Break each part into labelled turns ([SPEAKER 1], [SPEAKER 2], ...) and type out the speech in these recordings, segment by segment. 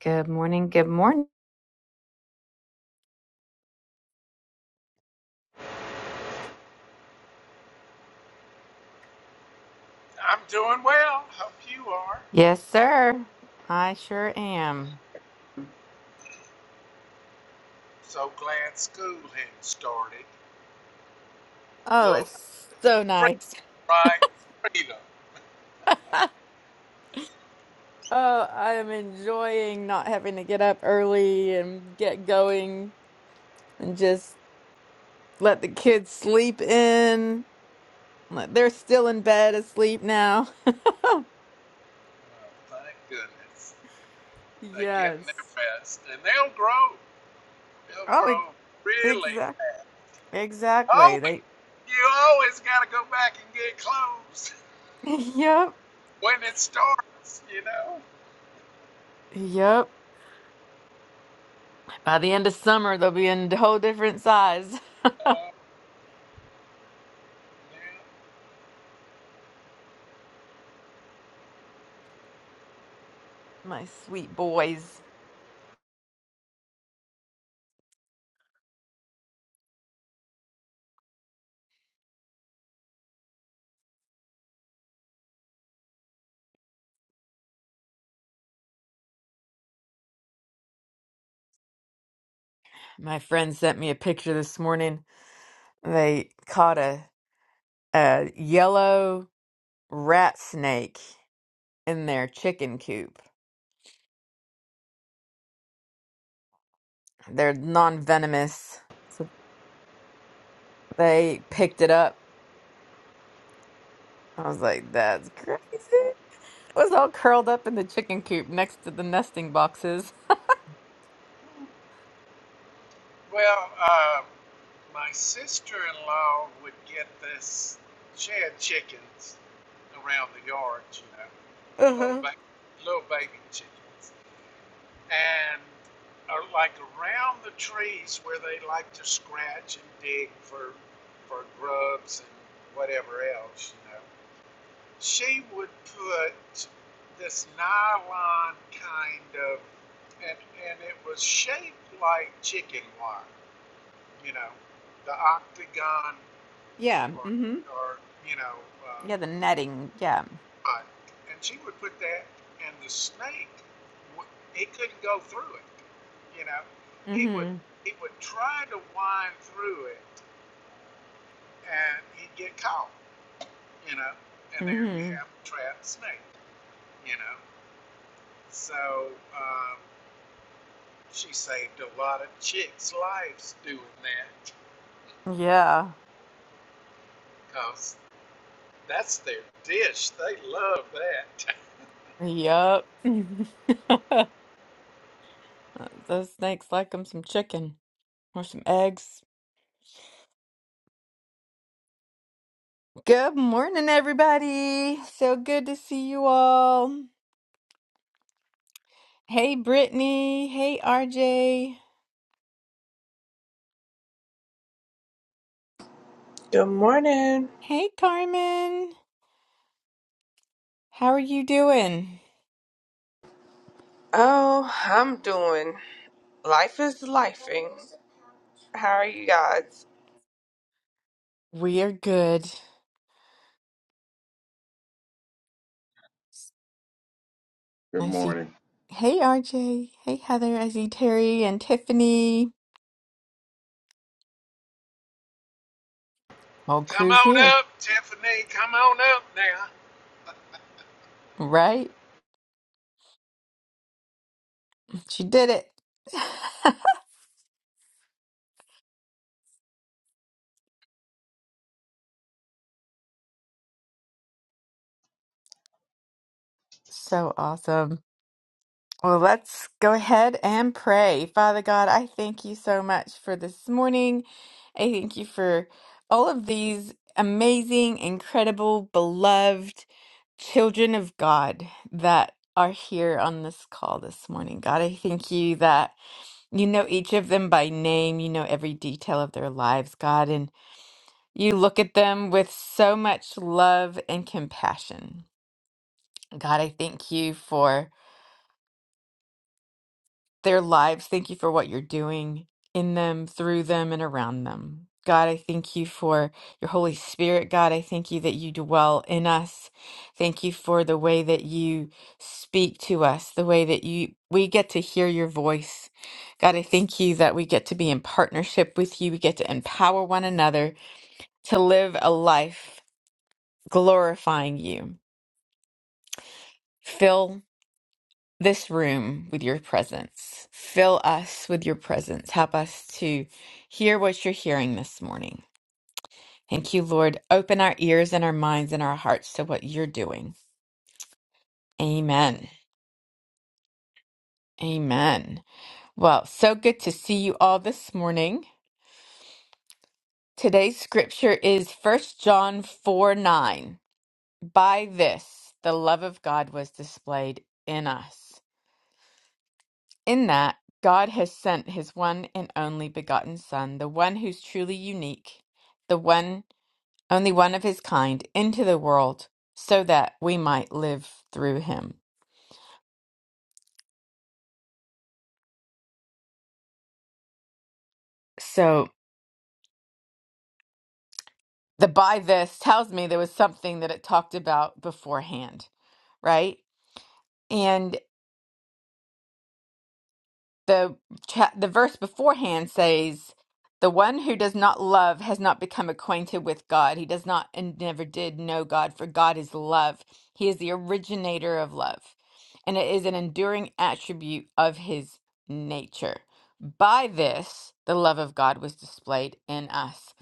[SPEAKER 1] Good morning. Good morning.
[SPEAKER 2] I'm doing well. Hope you are.
[SPEAKER 1] Yes, sir. I sure am.
[SPEAKER 2] So glad school had started.
[SPEAKER 1] Oh,
[SPEAKER 2] Little
[SPEAKER 1] it's so
[SPEAKER 2] free
[SPEAKER 1] nice.
[SPEAKER 2] right freedom.
[SPEAKER 1] Oh, I am enjoying not having to get up early and get going and just let the kids sleep in. Like, They're still in bed asleep now.
[SPEAKER 2] Oh, thank goodness. They're getting
[SPEAKER 1] Yes.
[SPEAKER 2] their rest. And they'll grow. They'll
[SPEAKER 1] Oh,
[SPEAKER 2] grow really
[SPEAKER 1] exactly.
[SPEAKER 2] fast. Oh,
[SPEAKER 1] Exactly. They,
[SPEAKER 2] you always got to go back and get clothes
[SPEAKER 1] yep.
[SPEAKER 2] when it starts, you know?
[SPEAKER 1] Yep. By the end of summer, they'll be in a whole different size.
[SPEAKER 2] Uh, yeah.
[SPEAKER 1] My sweet boys. My friend sent me a picture this morning. They caught a, a yellow rat snake in their chicken coop. They're non-venomous. So they picked it up. I was like, that's crazy. It was all curled up in the chicken coop next to the nesting boxes.
[SPEAKER 2] Well, uh, my sister-in-law would get this. She had chickens around the yard, you know, and little
[SPEAKER 1] Uh-huh.
[SPEAKER 2] ba- little baby chickens, and uh, like around the trees where they like to scratch and dig for for grubs and whatever else, you know. She would put this nylon kind of, and and it was shaped like chicken wire you know, the octagon
[SPEAKER 1] Yeah.
[SPEAKER 2] or,
[SPEAKER 1] Mm-hmm.
[SPEAKER 2] or you know, uh,
[SPEAKER 1] Yeah, the netting. Yeah.
[SPEAKER 2] and she would put that, and the snake, he couldn't go through it. You know, he would
[SPEAKER 1] Mm-hmm.
[SPEAKER 2] he would try to wind through it, and he'd get caught. You know, and there you have
[SPEAKER 1] Mm-hmm.
[SPEAKER 2] a trapped snake. You know, so um, she saved a lot of chicks' lives doing that,
[SPEAKER 1] Yeah.
[SPEAKER 2] cause that's their dish. They love that.
[SPEAKER 1] Yup. Those snakes like them some chicken or some eggs. Good morning, everybody. So good to see you all. Hey, Brittany. Hey, RJ.
[SPEAKER 3] Good morning.
[SPEAKER 1] Hey, Carmen. How are you doing?
[SPEAKER 3] Oh, I'm doing. Life is lifing. How are you guys?
[SPEAKER 1] We are good.
[SPEAKER 4] Good
[SPEAKER 1] I see.
[SPEAKER 4] morning.
[SPEAKER 1] Hey, RJ. Hey, Heather. I see Terry and Tiffany. Whole
[SPEAKER 2] Come
[SPEAKER 1] crew's
[SPEAKER 2] on
[SPEAKER 1] here,
[SPEAKER 2] up, Tiffany. Come on up now.
[SPEAKER 1] right? She did it. So awesome. Well, let's go ahead and pray. Father God, I thank you so much for this morning. I thank you for all of these amazing, incredible, beloved children of God that are here on this call this morning. God, I thank you that you know each of them by name, you know every detail of their lives, God, and you look at them with so much love and compassion. God, I thank you for. their lives. Thank you for what you're doing in them, through them, and around them. God, I thank you for your Holy Spirit. God, I thank you that you dwell in us. Thank you for the way that you speak to us, the way that you we get to hear your voice. God, I thank you that we get to be in partnership with you. We get to empower one another to live a life glorifying you. this room with your presence. Fill us with your presence. Help us to hear what you're hearing this morning. Thank you, Lord. Open our ears and our minds and our hearts to what you're doing. Amen. Amen. Well, so good to see you all this morning. Today's scripture is First John 4 9. By this, the love of God was displayed in us In that, God has sent his one and only begotten Son, the one who's truly unique, the one, only one of his kind, into the world so that we might live through him. So, the by this tells me there was something that it talked about beforehand, right? the cha- the verse beforehand says the one who does not love has not become acquainted with god he does not and never did know god for god is love he is the originator of love and it is an enduring attribute of his nature by this the love of god was displayed in us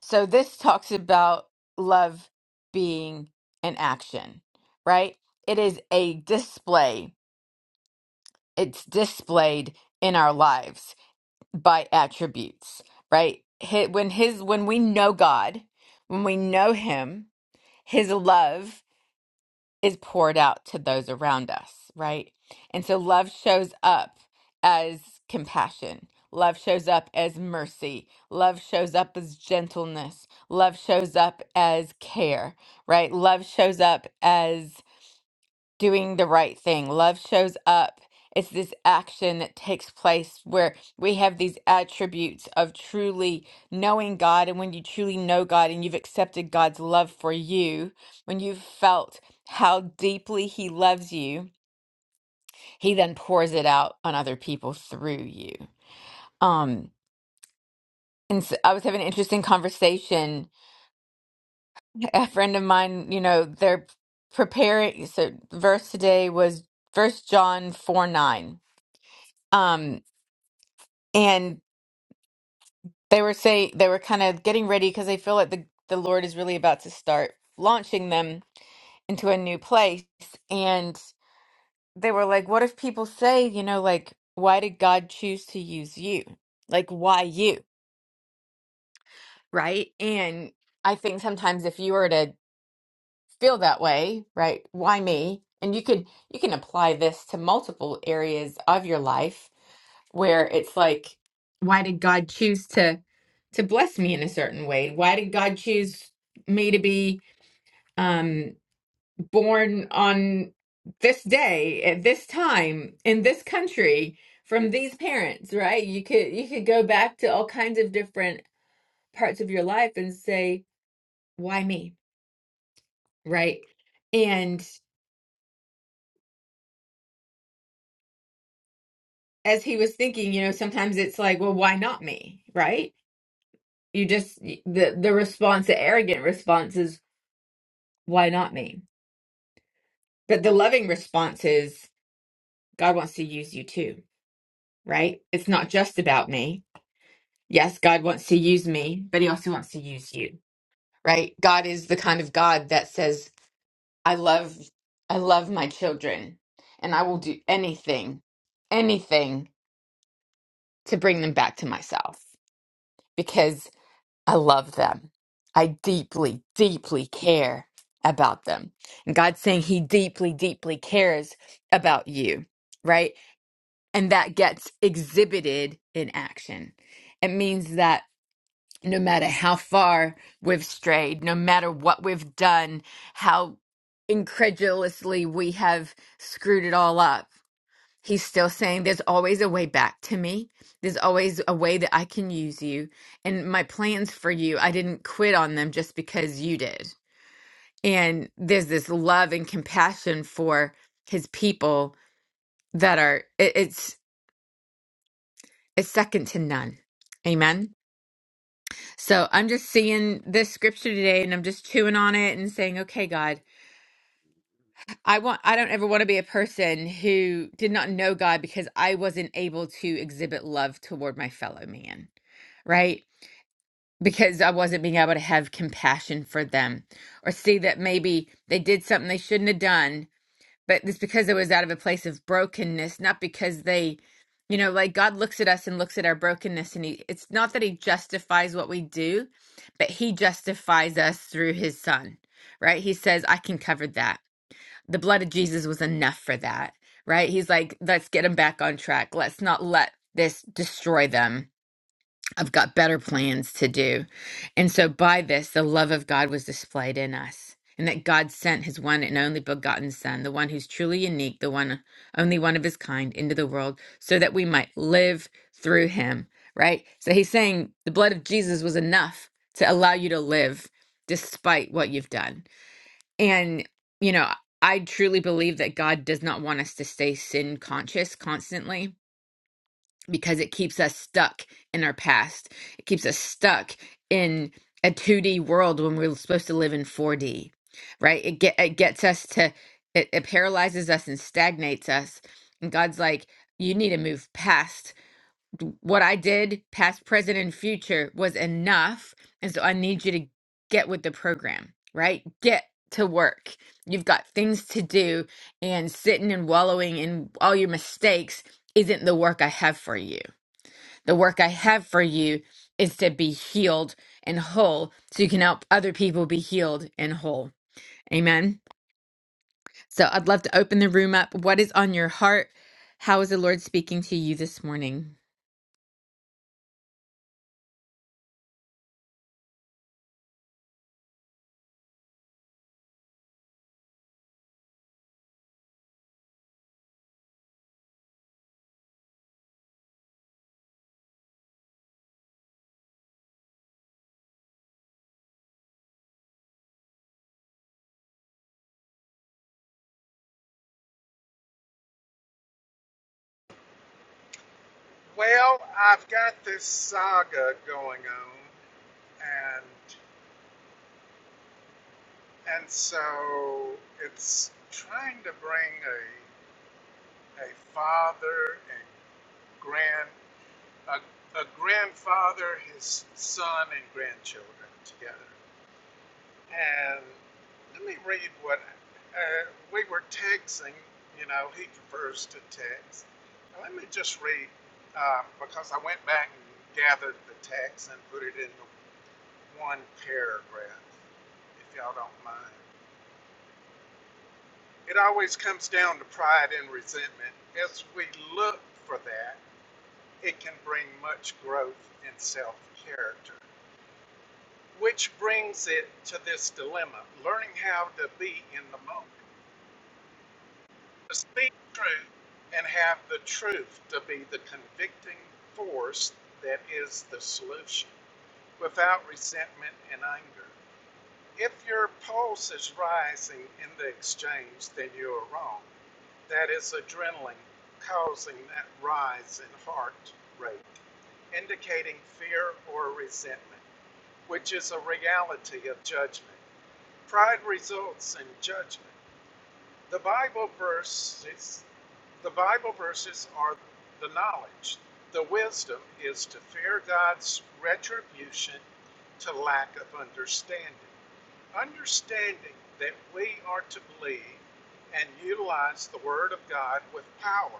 [SPEAKER 1] so this talks about love being an action right it is a display it's displayed in our lives by attributes, right? Hi- When his when we know God, when we know him, his love is poured out to those around us, right? And so love shows up as compassion. Love shows up as mercy. Love shows up as gentleness. Love shows up as care, right? Love shows up doing the right thing. Love shows up. It's this action that takes place where we have these attributes of truly knowing God. And when you truly know God and you've accepted God's love for you, when you've felt how deeply He loves you, He then pours it out on other people through you. Um, and so I was having an interesting conversation. A friend of mine, you know, they're preparing. So, verse today was First John 4 9. Um. and they were say they were kind of getting ready because they feel like the the Lord is really about to start launching them into a new place. And they were like, "What if people say, you know, like, why did God choose to use you? Like, why you?" Right? And I think sometimes if you were to feel that way, right? Why me? And you can you can apply this to multiple areas of your life where it's like, why did God choose to to bless me in a certain way? Why did God choose me to be um born on this day at this time in this country from these parents, right? You could you could go back to all kinds of different parts of your life and say, why me? Right? And as he was thinking, you know, sometimes it's like, well, why not me? Right? You just the the response, the arrogant response is, why not me? But the loving response is, God wants to use you too, right? It's not just about me. Yes, God wants to use me, but he also wants to use you, right? God is the kind of God that says, I love I love my children and I will do anything, anything to bring them back to myself because. I love them. I deeply, deeply care about them. And God's saying He deeply, deeply cares about you, right? And that gets exhibited in action. It means that no matter how far we've strayed, no matter what we've done, how incredulously we have screwed it all up, He's still saying there's always a way back to me. There's always a way that I can use you. And my plans for you, I didn't quit on them just because you did. And there's this love and compassion for his people that are it, it's it's second to none. Amen. So I'm just seeing this scripture today and I'm just chewing on it and saying, "Okay, God, I want I don't ever want to be a person who did not know God because I wasn't able to exhibit love toward my fellow man." Right? because I wasn't being able to have compassion for them or see that maybe they did something they shouldn't have done, but it's because it was out of a place of brokenness, not because they, you know, like God looks at us and looks at our brokenness and he it's not that he justifies what we do, but he justifies us through his son. Right? He says, "I can cover that. The blood of Jesus was enough for that." Right? He's like, "Let's get them back on track. Let's not let this destroy them." I've got better plans to do. And so by this, the love of God was displayed in us, and that God sent his one and only begotten Son, the one who's truly unique, the one only one of his kind, into the world so that we might live through him, right? So he's saying the blood of Jesus was enough to allow you to live despite what you've done. And, you know, I truly believe that God does not want us to stay sin conscious constantly because it keeps us stuck in our past. It keeps us stuck in a 2D world when we're supposed to live in 4D, right? It get it gets us to it, it paralyzes us and stagnates us. And God's like, you need to move past D- what I did, past, present, and future was enough. And so I need you to get with the program, right? Get to work. You've got things to do, and sitting and wallowing in all your mistakes isn't the work I have for you the work I have for you is to be healed and whole so you can help other people be healed and whole. Amen. So I'd love to open the room up. What is on your heart? How is the Lord speaking to you this morning?
[SPEAKER 2] Well, I've got this saga going on, and and so it's trying to bring a a father and grand a, a grandfather, his son, and grandchildren together. And let me read what uh, we were texting. You know, he prefers to text. Now, let me just read uh, because I went back and gathered the text and put it into one paragraph, if y'all don't mind. It always comes down to pride and resentment. As we look for that, it can bring much growth in self character, which brings it to this dilemma learning how to be in the moment. to speak truth and have the truth to be the convicting force that is the solution without resentment and anger. If your pulse is rising in the exchange, then you are wrong. That is adrenaline causing that rise in heart rate, indicating fear or resentment, which is a reality of judgment. Pride results in judgment. The Bible verses, the Bible verses are the knowledge. The wisdom is to fear God's retribution to lack of understanding. Understanding that we are to believe and utilize the Word of God with power,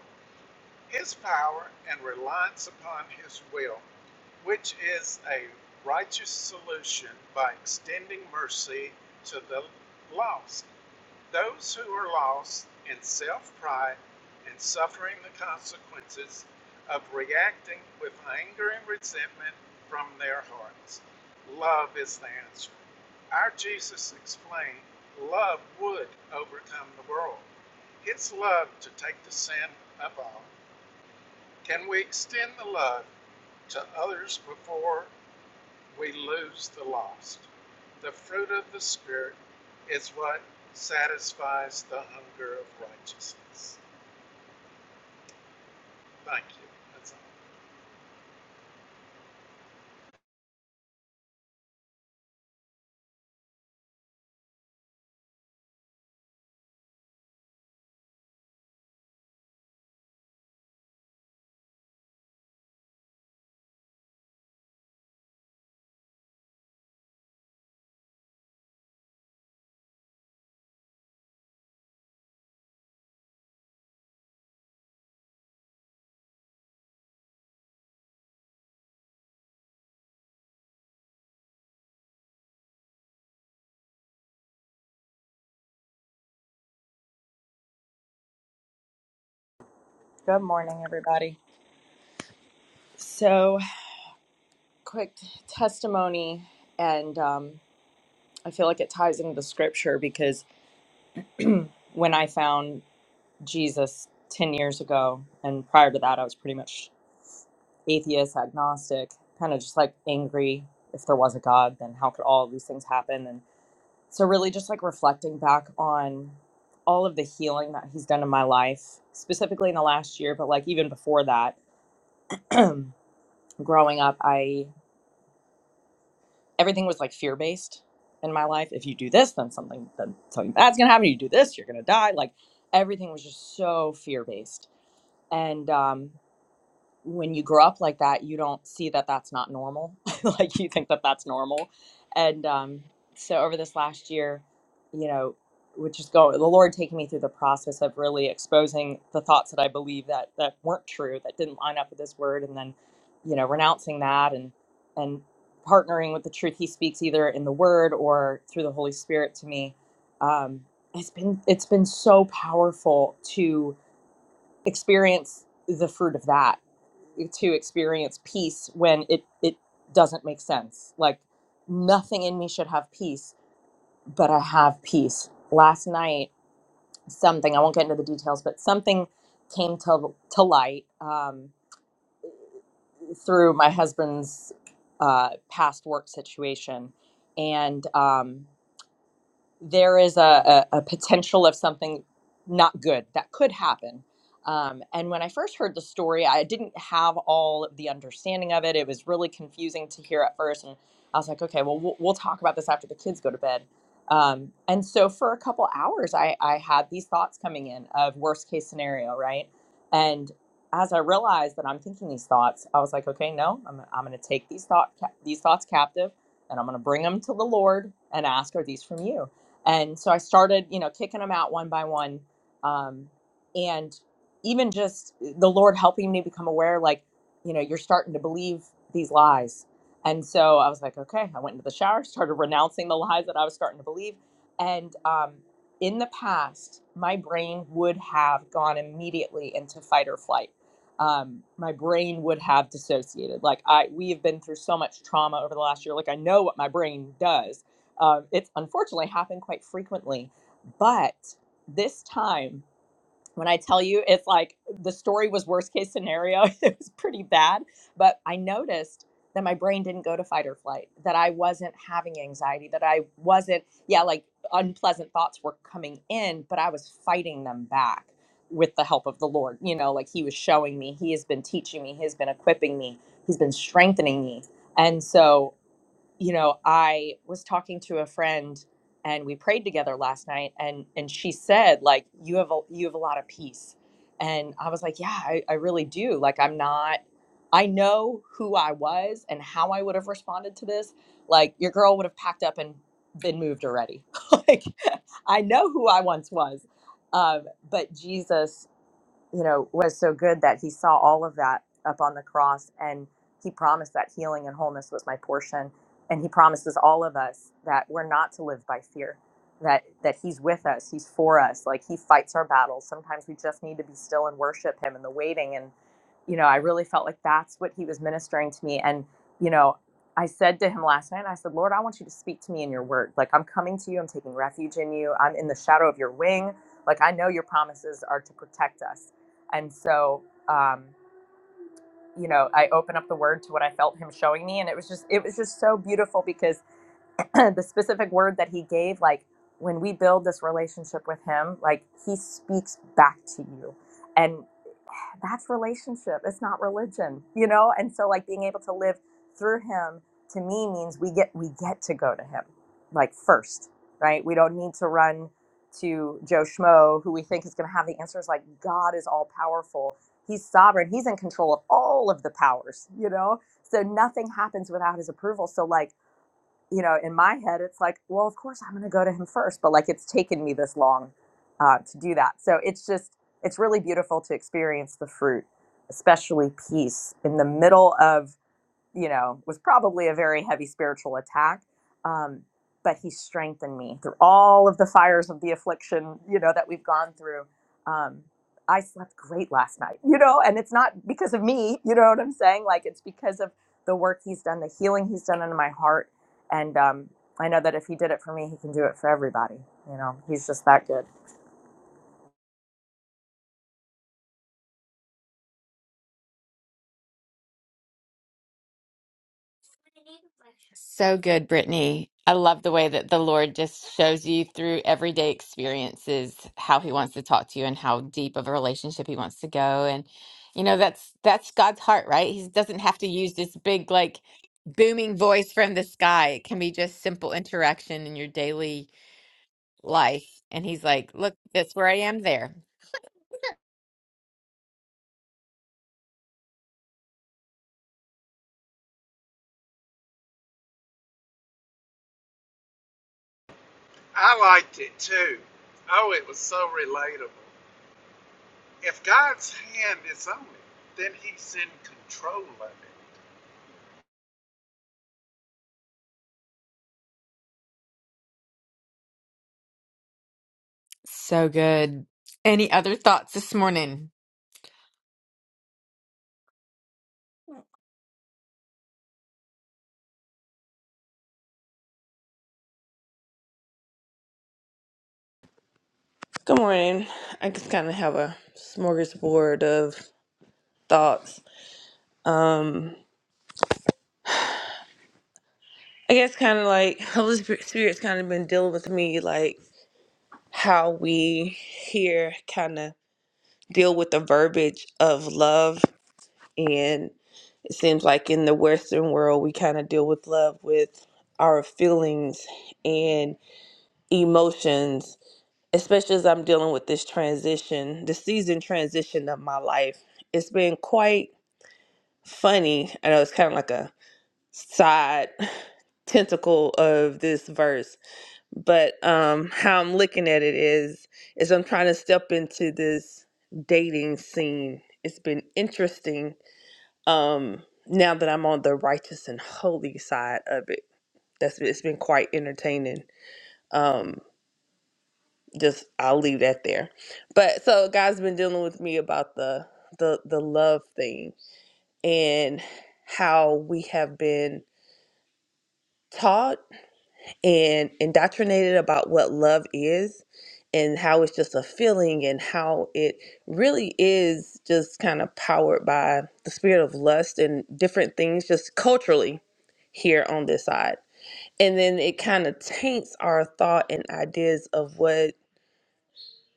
[SPEAKER 2] His power and reliance upon His will, which is a righteous solution by extending mercy to the lost. Those who are lost in self pride and suffering the consequences of reacting with anger and resentment from their hearts. Love is the answer. Our Jesus explained love would overcome the world. His love to take the sin of all. Can we extend the love to others before we lose the lost. The fruit of the Spirit is what satisfies the hunger of righteousness. Thank you. That's all.
[SPEAKER 5] Good morning, everybody. So, quick testimony, and um, I feel like it ties into the scripture because when I found Jesus 10 years ago, and prior to that, I was pretty much atheist, agnostic, kind of just like angry if there was a God, then how could all of these things happen? And so, really, just like reflecting back on all of the healing that He's done in my life, specifically in the last year, but like even before that, growing up, I. everything was like fear based in my life. If you do this, then something then something bad's gonna happen. You do this, you're gonna die. Like everything was just so fear based. And um, when you grow up like that, you don't see that that's not normal. like you think that that's normal. And um, so over this last year, you know, would just go the Lord taking me through the process of really exposing the thoughts that I believe that that weren't true, that didn't line up with His Word, and then, you know, renouncing that and and partnering with the truth He speaks either in the Word or through the Holy Spirit to me. Um, it's been it's been so powerful to experience the fruit of that to experience peace when it it doesn't make sense like nothing in me should have peace but i have peace last night something i won't get into the details but something came to to light um, through my husband's uh, past work situation and um, there is a, a, a potential of something not good that could happen. Um, and when I first heard the story, I didn't have all of the understanding of it. It was really confusing to hear at first. And I was like, okay, well, we'll, we'll talk about this after the kids go to bed. Um, and so for a couple hours, I, I had these thoughts coming in of worst case scenario, right? And as I realized that I'm thinking these thoughts, I was like, okay, no, I'm, I'm going to take these, thought, these thoughts captive and I'm going to bring them to the Lord and ask, are these from you? And so I started, you know, kicking them out one by one. Um, and even just eh, the Lord helping me become aware, like, you know, you're starting to believe these lies. And so I was like, okay, I went into the shower, started renouncing the lies that I was starting to believe. And um, in the past, my brain would have gone immediately into fight or flight. Um, my brain would have dissociated. Like I, we have been through so much trauma over the last year. Like I know what my brain does um, it's unfortunately happened quite frequently, but this time, when I tell you, it's like the story was worst case scenario. It was pretty bad, but I noticed that my brain didn't go to fight or flight. That I wasn't having anxiety. That I wasn't, yeah, like unpleasant thoughts were coming in, but I was fighting them back with the help of the Lord. You know, like He was showing me, He has been teaching me, He has been equipping me, He's been strengthening me. And so you know, I was talking to a friend and we prayed together last night and and she said like you have a you have a lot of peace. And I was like, yeah, I, I really do. Like I'm not I know who I was and how I would have responded to this. Like your girl would have packed up and been moved already. like I know who I once was. Um, but Jesus you know, was so good that he saw all of that up on the cross and he promised that healing and wholeness was my portion. And he promises all of us that we're not to live by fear, that, that he's with us, he's for us, like he fights our battles. Sometimes we just need to be still and worship him in the waiting and you know, I really felt like that's what he was ministering to me. And, you know, I said to him last night, I said, Lord, I want you to speak to me in your word. Like, I'm coming to you. I'm taking refuge in you. I'm in the shadow of your wing. Like, I know your promises are to protect us. And so, um, you know, I opened up the word to what I felt him showing me. And it was just, it was just so beautiful because the specific word that he gave like when we build this relationship with him like he speaks back to you and that's relationship it's not religion you know and so like being able to live through him to me means we get we get to go to him like first right we don't need to run to joe schmo who we think is going to have the answers like god is all powerful he's sovereign he's in control of all of the powers you know so nothing happens without his approval so like you know, in my head, it's like, well, of course I'm going to go to him first, but like it's taken me this long uh, to do that. So it's just, it's really beautiful to experience the fruit, especially peace in the middle of you know, was probably a very heavy spiritual attack. Um, but he strengthened me through all of the fires of the affliction, you know, that we've gone through. Um, I slept great last night, you know, and it's not because of me, you know what I'm saying? Like it's because of the work he's done, the healing he's done in my heart. And um, I know that if he did it for me, he can do it for everybody. You know, he's just that good.
[SPEAKER 1] So good, Brittany. I love the way that the Lord just shows you through everyday experiences how he wants to talk to you and how deep of a relationship he wants to go. And you know, that's that's God's heart, right? He doesn't have to use this big like booming voice from the sky. It can be just simple interaction in your daily life. And he's like, "Look, that's where I am there."
[SPEAKER 2] I liked it too. Oh, it was so relatable. If God's hand is on it, then He's in control of it.
[SPEAKER 1] So good. Any other thoughts this morning?
[SPEAKER 3] Good morning. I just kind of have a smorgasbord of thoughts. Um, I guess kind of like Holy Spirit- Spirit's kind of been dealing with me, like how we here kind of deal with the verbiage of love, and it seems like in the Western world we kind of deal with love with our feelings and emotions especially as I'm dealing with this transition, the season transition of my life, it's been quite funny. I know it's kind of like a side tentacle of this verse, but um, how I'm looking at it is, is I'm trying to step into this dating scene. It's been interesting um, now that I'm on the righteous and holy side of it. That's it's been quite entertaining. Um, just I'll leave that there. But so God's been dealing with me about the the the love thing and how we have been taught and indoctrinated about what love is and how it's just a feeling and how it really is just kind of powered by the spirit of lust and different things just culturally here on this side. And then it kind of taints our thought and ideas of what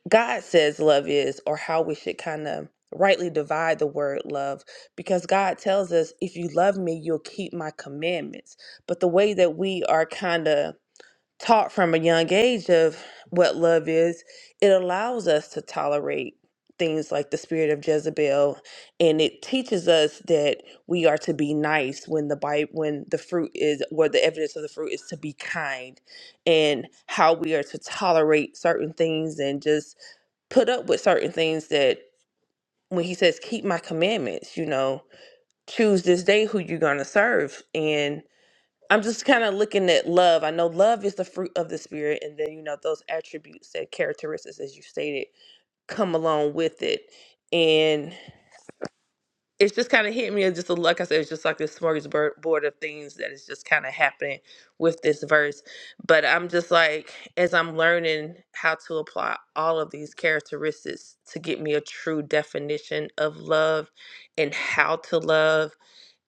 [SPEAKER 3] God says love is, or how we should kind of rightly divide the word love, because God tells us, if you love me, you'll keep my commandments. But the way that we are kind of taught from a young age of what love is, it allows us to tolerate things like the spirit of Jezebel and it teaches us that we are to be nice when the Bible when the fruit is where the evidence of the fruit is to be kind and how we are to tolerate certain things and just put up with certain things that when he says keep my commandments you know choose this day who you're going to serve and i'm just kind of looking at love i know love is the fruit of the spirit and then you know those attributes and characteristics as you stated come along with it and it's just kind of hit me as just a like I said, it's just like this smorgasbord of things that is just kind of happening with this verse. But I'm just like, as I'm learning how to apply all of these characteristics to get me a true definition of love and how to love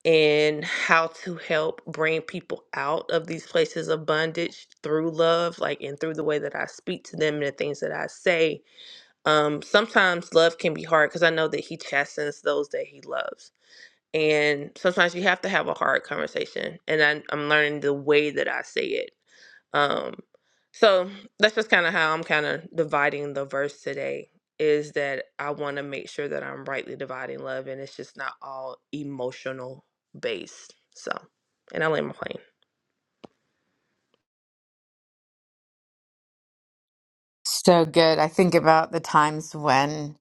[SPEAKER 3] and how to help bring people out of these places of bondage through love, like and through the way that I speak to them and the things that I say. Um, sometimes love can be hard because I know that He chastens those that He loves and sometimes you have to have a hard conversation. And I, I'm learning the way that I say it. Um, so that's just kind of how I'm kind of dividing the verse today is that I want to make sure that I'm rightly dividing love and it's just not all emotional based. So, and I land my plane.
[SPEAKER 1] So good. I think about the times when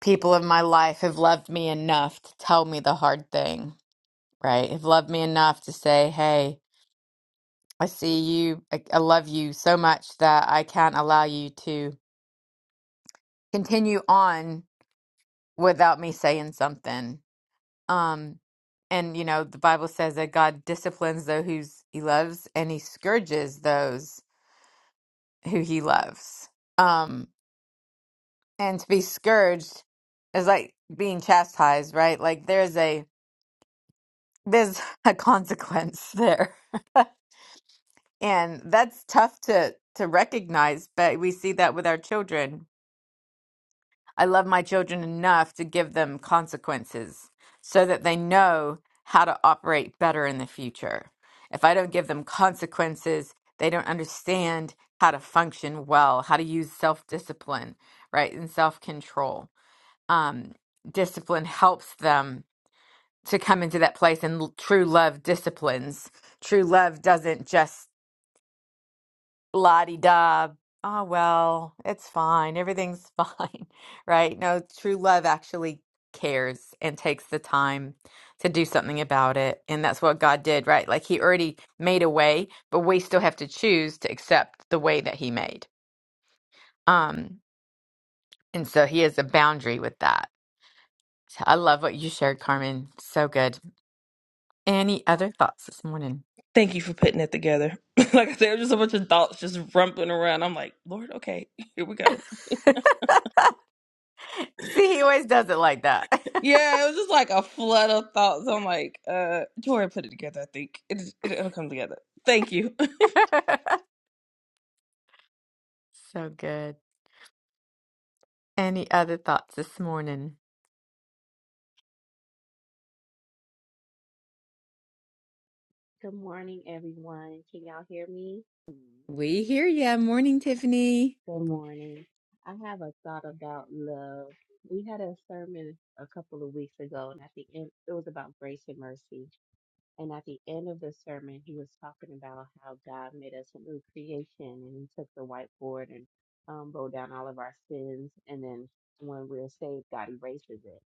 [SPEAKER 1] people in my life have loved me enough to tell me the hard thing, right? Have loved me enough to say, hey, I see you. I, I love you so much that I can't allow you to continue on without me saying something. Um, and, you know, the Bible says that God disciplines those who he loves and he scourges those who he loves. Um, and to be scourged is like being chastised, right? Like there's a there's a consequence there. And that's tough to to recognize, but we see that with our children. I love my children enough to give them consequences so that they know how to operate better in the future. If I don't give them consequences, they don't understand how to function well, how to use self-discipline, right? And self-control. Um, discipline helps them to come into that place and l- true love disciplines. True love doesn't just la di da, oh, well, it's fine, everything's fine, right? No, true love actually cares and takes the time to do something about it. And that's what God did, right? Like He already made a way, but we still have to choose to accept the way that He made. Um, and so He has a boundary with that. So, I love what you shared, Carmen. So good. Any other thoughts this morning?
[SPEAKER 3] Thank you for putting that together. like I said, it just a bunch of thoughts just rumbling around. I'm like, Lord, okay, here we go.
[SPEAKER 1] See, he always does it like that.
[SPEAKER 3] Yeah, it was just like a flood of thoughts. I'm like, uh, Jordan put it together, I think. It, it, it'll come together. Thank you.
[SPEAKER 1] So good. Any other thoughts this morning?
[SPEAKER 6] Good morning, everyone. Can y'all hear me?
[SPEAKER 1] We hear ya. Morning, Tiffany.
[SPEAKER 6] Good morning. I have a thought about love. We had a sermon a couple of weeks ago, and I think end, it was about grace and mercy. And at the end of the sermon, he was talking about how God made us a new creation and he took the whiteboard and um, wrote down all of our sins. And then when we're saved, God erases it.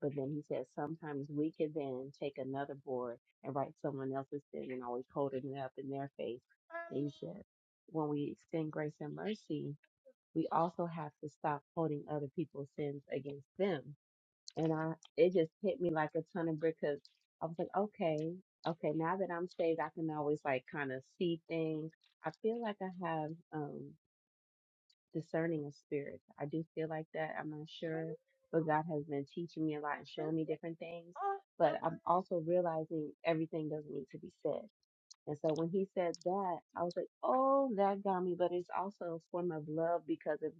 [SPEAKER 6] But then he said sometimes we could then take another board and write someone else's sin and always holding it up in their face. And he said, when we extend grace and mercy, we also have to stop holding other people's sins against them and I, it just hit me like a ton of bricks 'cause I was like, okay, okay, now that I'm saved, I can always like kind of see things. I feel like I have um discerning of spirits. I do feel like that. I'm not sure, but God has been teaching me a lot and showing me different things. But I'm also realizing everything doesn't need to be said. And so when he said that, I was like, oh, that got me. But it's also a form of love because if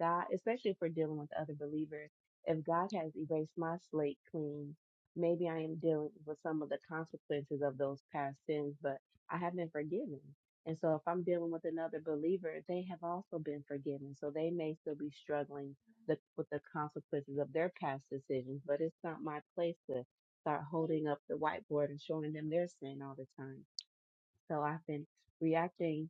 [SPEAKER 6] God, especially if we're dealing with other believers, if God has erased my slate clean, maybe I am dealing with some of the consequences of those past sins, but I have been forgiven. And so if I'm dealing with another believer, they have also been forgiven. So they may still be struggling the, with the consequences of their past decisions, but it's not my place to start holding up the whiteboard and showing them their sin all the time so I've been reacting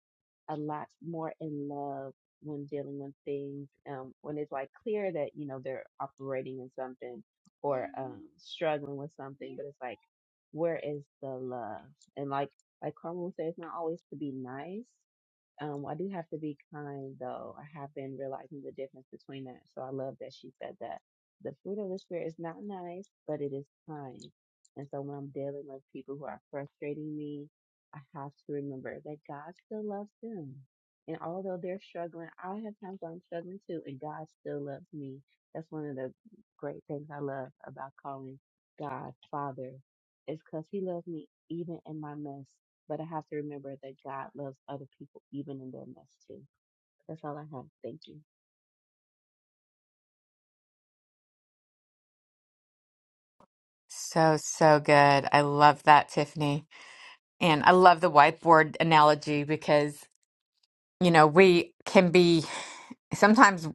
[SPEAKER 6] a lot more in love when dealing with things, um, when it's like clear that, you know, they're operating in something or um, struggling with something, but it's like, where is the love? And like, like Carmen would say, it's not always to be nice, um, I do have to be kind though. I have been realizing the difference between that. So I love that she said that. The fruit of the spirit is not nice, but it is kind. And so when I'm dealing with people who are frustrating me, I have to remember that God still loves them. And although they're struggling, I have times where I'm struggling too, and God still loves me. That's one of the great things I love about calling God Father, is because He loves me even in my mess. But I have to remember that God loves other people even in their mess too. That's all I have. Thank you.
[SPEAKER 1] So, so good. I love that, Tiffany. And I love the whiteboard analogy because, you know, we can be sometimes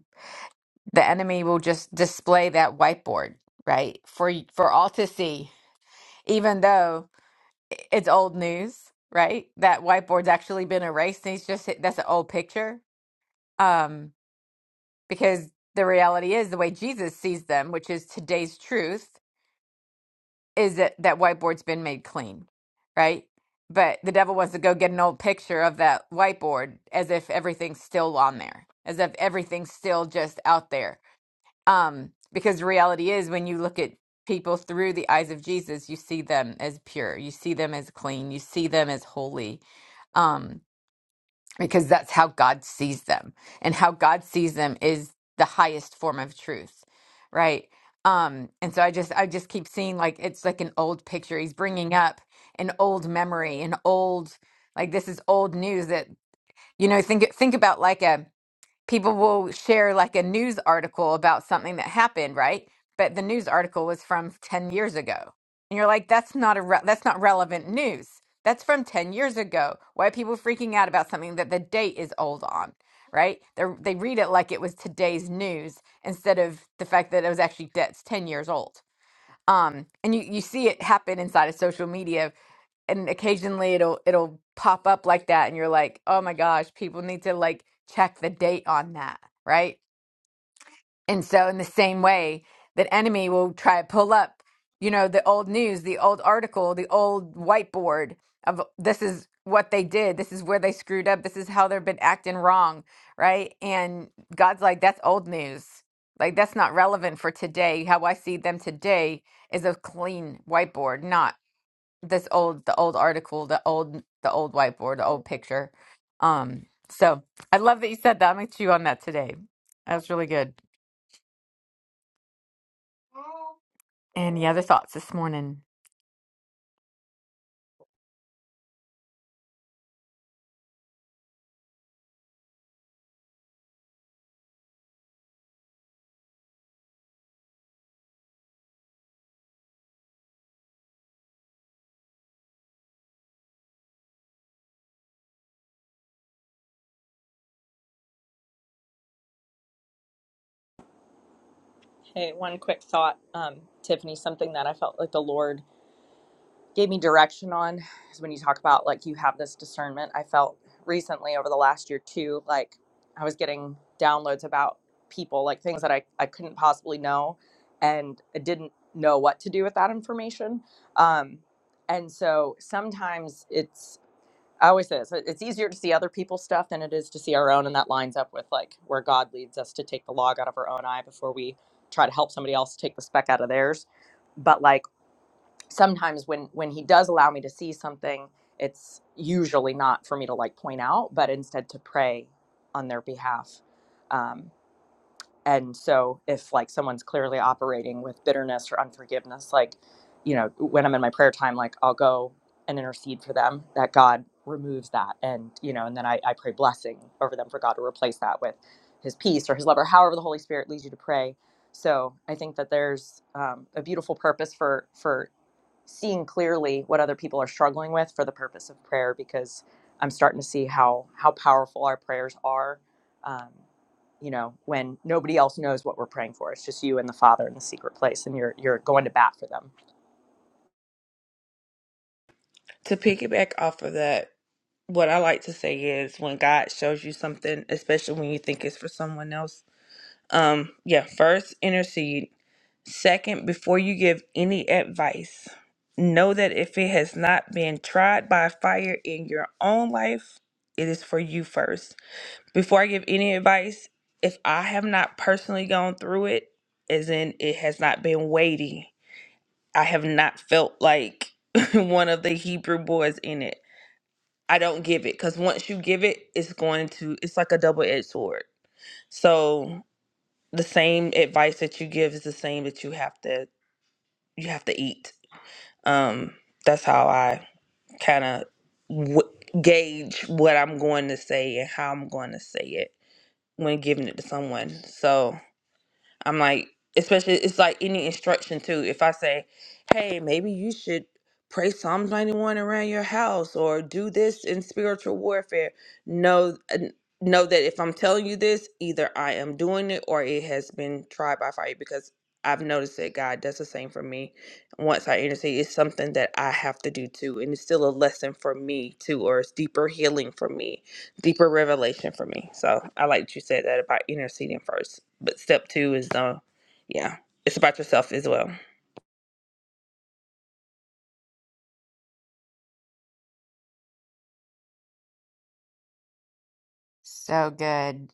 [SPEAKER 1] the enemy will just display that whiteboard, right? For for all to see, even though it's old news, right? That whiteboard's actually been erased and he's just that's an old picture. Um because the reality is the way Jesus sees them, which is today's truth, is that that whiteboard's been made clean, right? But the devil wants to go get an old picture of that whiteboard as if everything's still on there, as if everything's still just out there. Um, because the reality is when you look at people through the eyes of Jesus, you see them as pure, you see them as clean, you see them as holy. Um, because that's how God sees them. And how God sees them is the highest form of truth, right? Um and so I just I just keep seeing like it's like an old picture he's bringing up an old memory, an old like this is old news that you know think think about like a people will share like a news article about something that happened, right? But the news article was from 10 years ago. And you're like, that's not a re- that's not relevant news. That's from 10 years ago. Why are people freaking out about something that the date is old on, right? They they read it like it was today's news instead of the fact that it was actually that's 10 years old. Um, and you, you see it happen inside of social media and occasionally it'll it'll pop up like that and you're like oh my gosh people need to like check the date on that right and so in the same way that enemy will try to pull up you know the old news the old article the old whiteboard of this is what they did this is where they screwed up this is how they've been acting wrong right and god's like that's old news like that's not relevant for today how i see them today is a clean whiteboard not this old the old article, the old the old whiteboard, the old picture. Um, so I love that you said that. I'm gonna chew on that today. That was really good. Any other thoughts this morning?
[SPEAKER 5] Hey, one quick thought, um, Tiffany, something that I felt like the Lord gave me direction on is when you talk about like you have this discernment. I felt recently over the last year too, like I was getting downloads about people, like things that I, I couldn't possibly know and I didn't know what to do with that information. Um, and so sometimes it's, I always say this, it- it's easier to see other people's stuff than it is to see our own. And that lines up with like where God leads us to take the log out of our own eye before we try to help somebody else take the speck out of theirs. But like, sometimes when when he does allow me to see something it's usually not for me to like point out but instead to pray on their behalf um, and so if like someone's clearly operating with bitterness or unforgiveness like you know when i'm in my prayer time like i'll go and intercede for them that god removes that and you know and then i, I pray blessing over them for god to replace that with his peace or his love or however the holy spirit leads you to pray so i think that there's um, a beautiful purpose for for seeing clearly what other people are struggling with for the purpose of prayer because I'm starting to see how how powerful our prayers are. Um, you know, when nobody else knows what we're praying for, it's just you and the Father in the secret place, and you're you're going to bat for them.
[SPEAKER 3] to piggyback off of that, what I like to say is when God shows you something, especially when you think it's for someone else, um, yeah, first intercede. Second, before you give any advice, know that if it has not been tried by fire in your own life, it is for you first. Before I give any advice, if I have not personally gone through it, as in it has not been weighty, I have not felt like one of the Hebrew boys in it. I don't give it because once you give it, it's going to, it's like a double edged sword. So the same advice that you give is the same that you have to, you have to eat. Um, that's how I kind of w- gauge what I'm going to say and how I'm going to say it when giving it to someone. So I'm like, especially it's like any instruction too. If I say, hey, maybe you should pray Psalms 91 around your house or do this in spiritual warfare, know n- know that if I'm telling you this, either I am doing it or it has been tried by fire because I've noticed that God does the same for me. Once I intercede, it's something that I have to do too, and it's still a lesson for me too, or it's deeper healing for me deeper revelation for me. So I like that you said that about interceding first. But step two is the yeah, it's about yourself as well.
[SPEAKER 1] So good.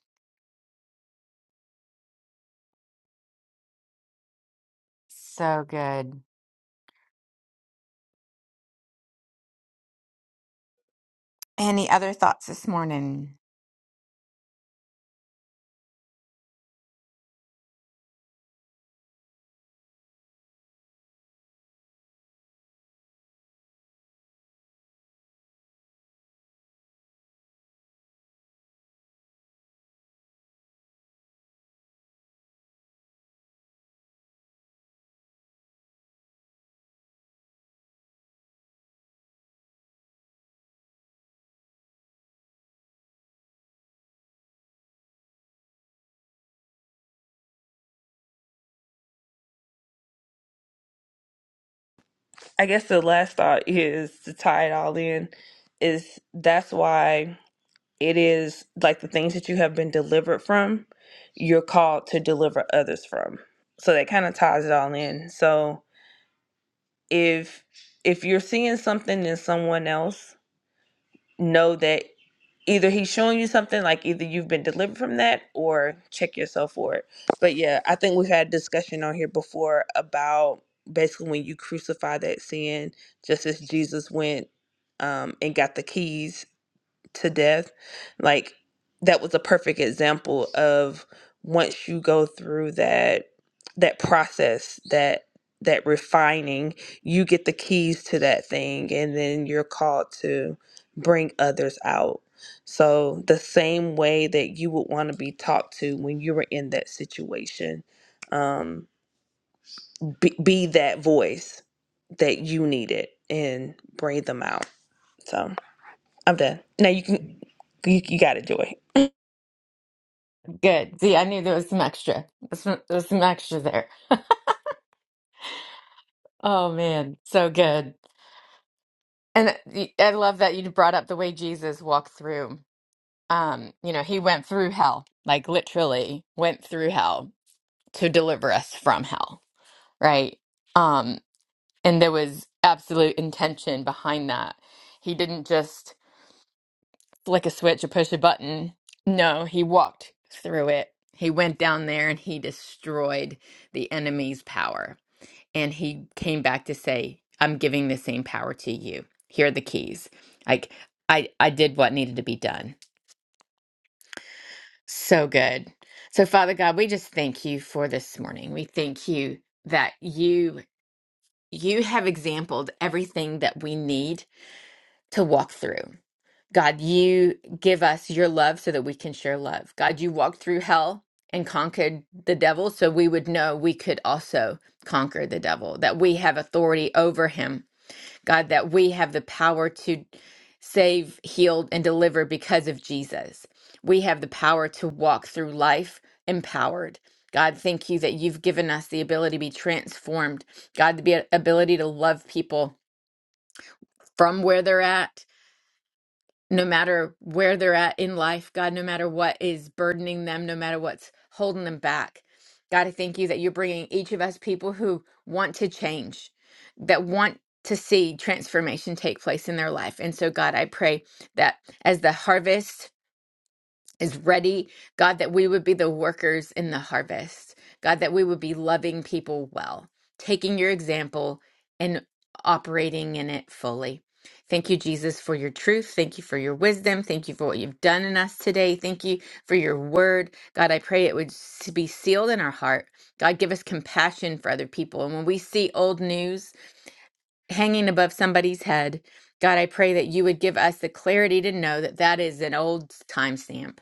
[SPEAKER 1] So good. Any other thoughts this morning?
[SPEAKER 3] I guess the last thought is to tie it all in is that's why it is like the things that you have been delivered from, you're called to deliver others from. So that kind of ties it all in. So if if you're seeing something in someone else know that either he's showing you something like either you've been delivered from that or check yourself for it but yeah i think we've had a discussion on here before about basically when you crucify that sin just as jesus went um, and got the keys to death like that was a perfect example of once you go through that that process that that refining you get the keys to that thing and then you're called to bring others out so the same way that you would want to be talked to when you were in that situation um be, be that voice that you needed and bring them out so i'm done now you can you, you got it joy
[SPEAKER 1] Good. See, I knew there was some extra. There's some, there's some extra there. Oh man, so good. And I I love that you brought up the way Jesus walked through. um, you know, he went through hell, like literally went through hell to deliver us from hell, right? Um, and there was absolute intention behind that. He didn't just flick a switch or push a button. No, he walked through it. He went down there and he destroyed the enemy's power. And he came back to say, I'm giving the same power to you. Here are the keys. Like I I did what needed to be done So good. So Father God, we just thank you for this morning. We thank you that you you have exampled everything that we need to walk through. God, you give us your love so that we can share love. God, you walked through hell and conquered the devil so we would know we could also conquer the devil, that we have authority over him God, that we have the power to save, heal, and deliver because of Jesus. We have the power to walk through life empowered. God, thank you that you've given us the ability to be transformed. God, the be- ability to love people from where they're at no matter where they're at in life, God, no matter what is burdening them, no matter what's holding them back. God, I thank you that you're bringing each of us people who want to change, that want to see transformation take place in their life. And so, God, I pray that as the harvest is ready. God, that we would be the workers in the harvest. God, that we would be loving people well, taking your example and operating in it fully. Thank you, Jesus, for your truth. Thank you for your wisdom. Thank you for what you've done in us today. Thank you for your word. God, I pray it would s- be sealed in our heart. God, give us compassion for other people. And when we see old news hanging above somebody's head, God, I pray that you would give us the clarity to know that that is an old timestamp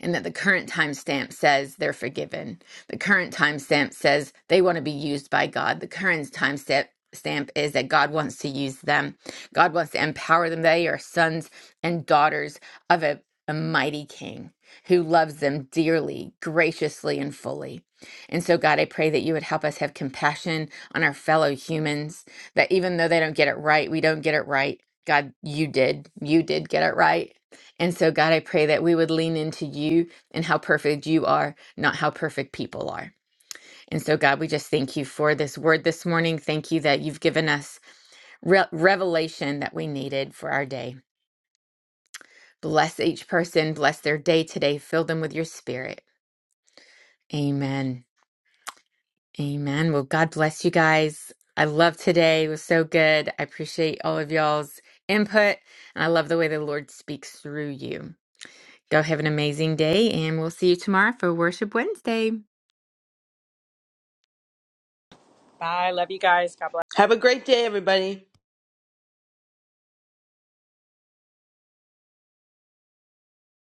[SPEAKER 1] and that the current timestamp says they're forgiven. The current timestamp says they want to be used by God. The current timestamp stamp is that God wants to use them. God wants to empower them. They are sons and daughters of a, a mighty king who loves them dearly, graciously, and fully. And so, God, I pray that you would help us have compassion on our fellow humans, that even though they don't get it right, we don't get it right. God, you did. You did get it right. And so, God, I pray that we would lean into you and how perfect you are, not how perfect people are. And so, God, we just thank you for this word this morning. Thank you that you've given us re- revelation that we needed for our day. Bless each person, bless their day today, fill them with your spirit. Amen. Amen. Well, God bless you guys. I love today. It was so good. I appreciate all of y'all's input. And I love the way the Lord speaks through you. Go have an amazing day, and we'll see you tomorrow for Worship Wednesday.
[SPEAKER 5] Bye. Love you guys. God bless.
[SPEAKER 7] Have a great day, everybody.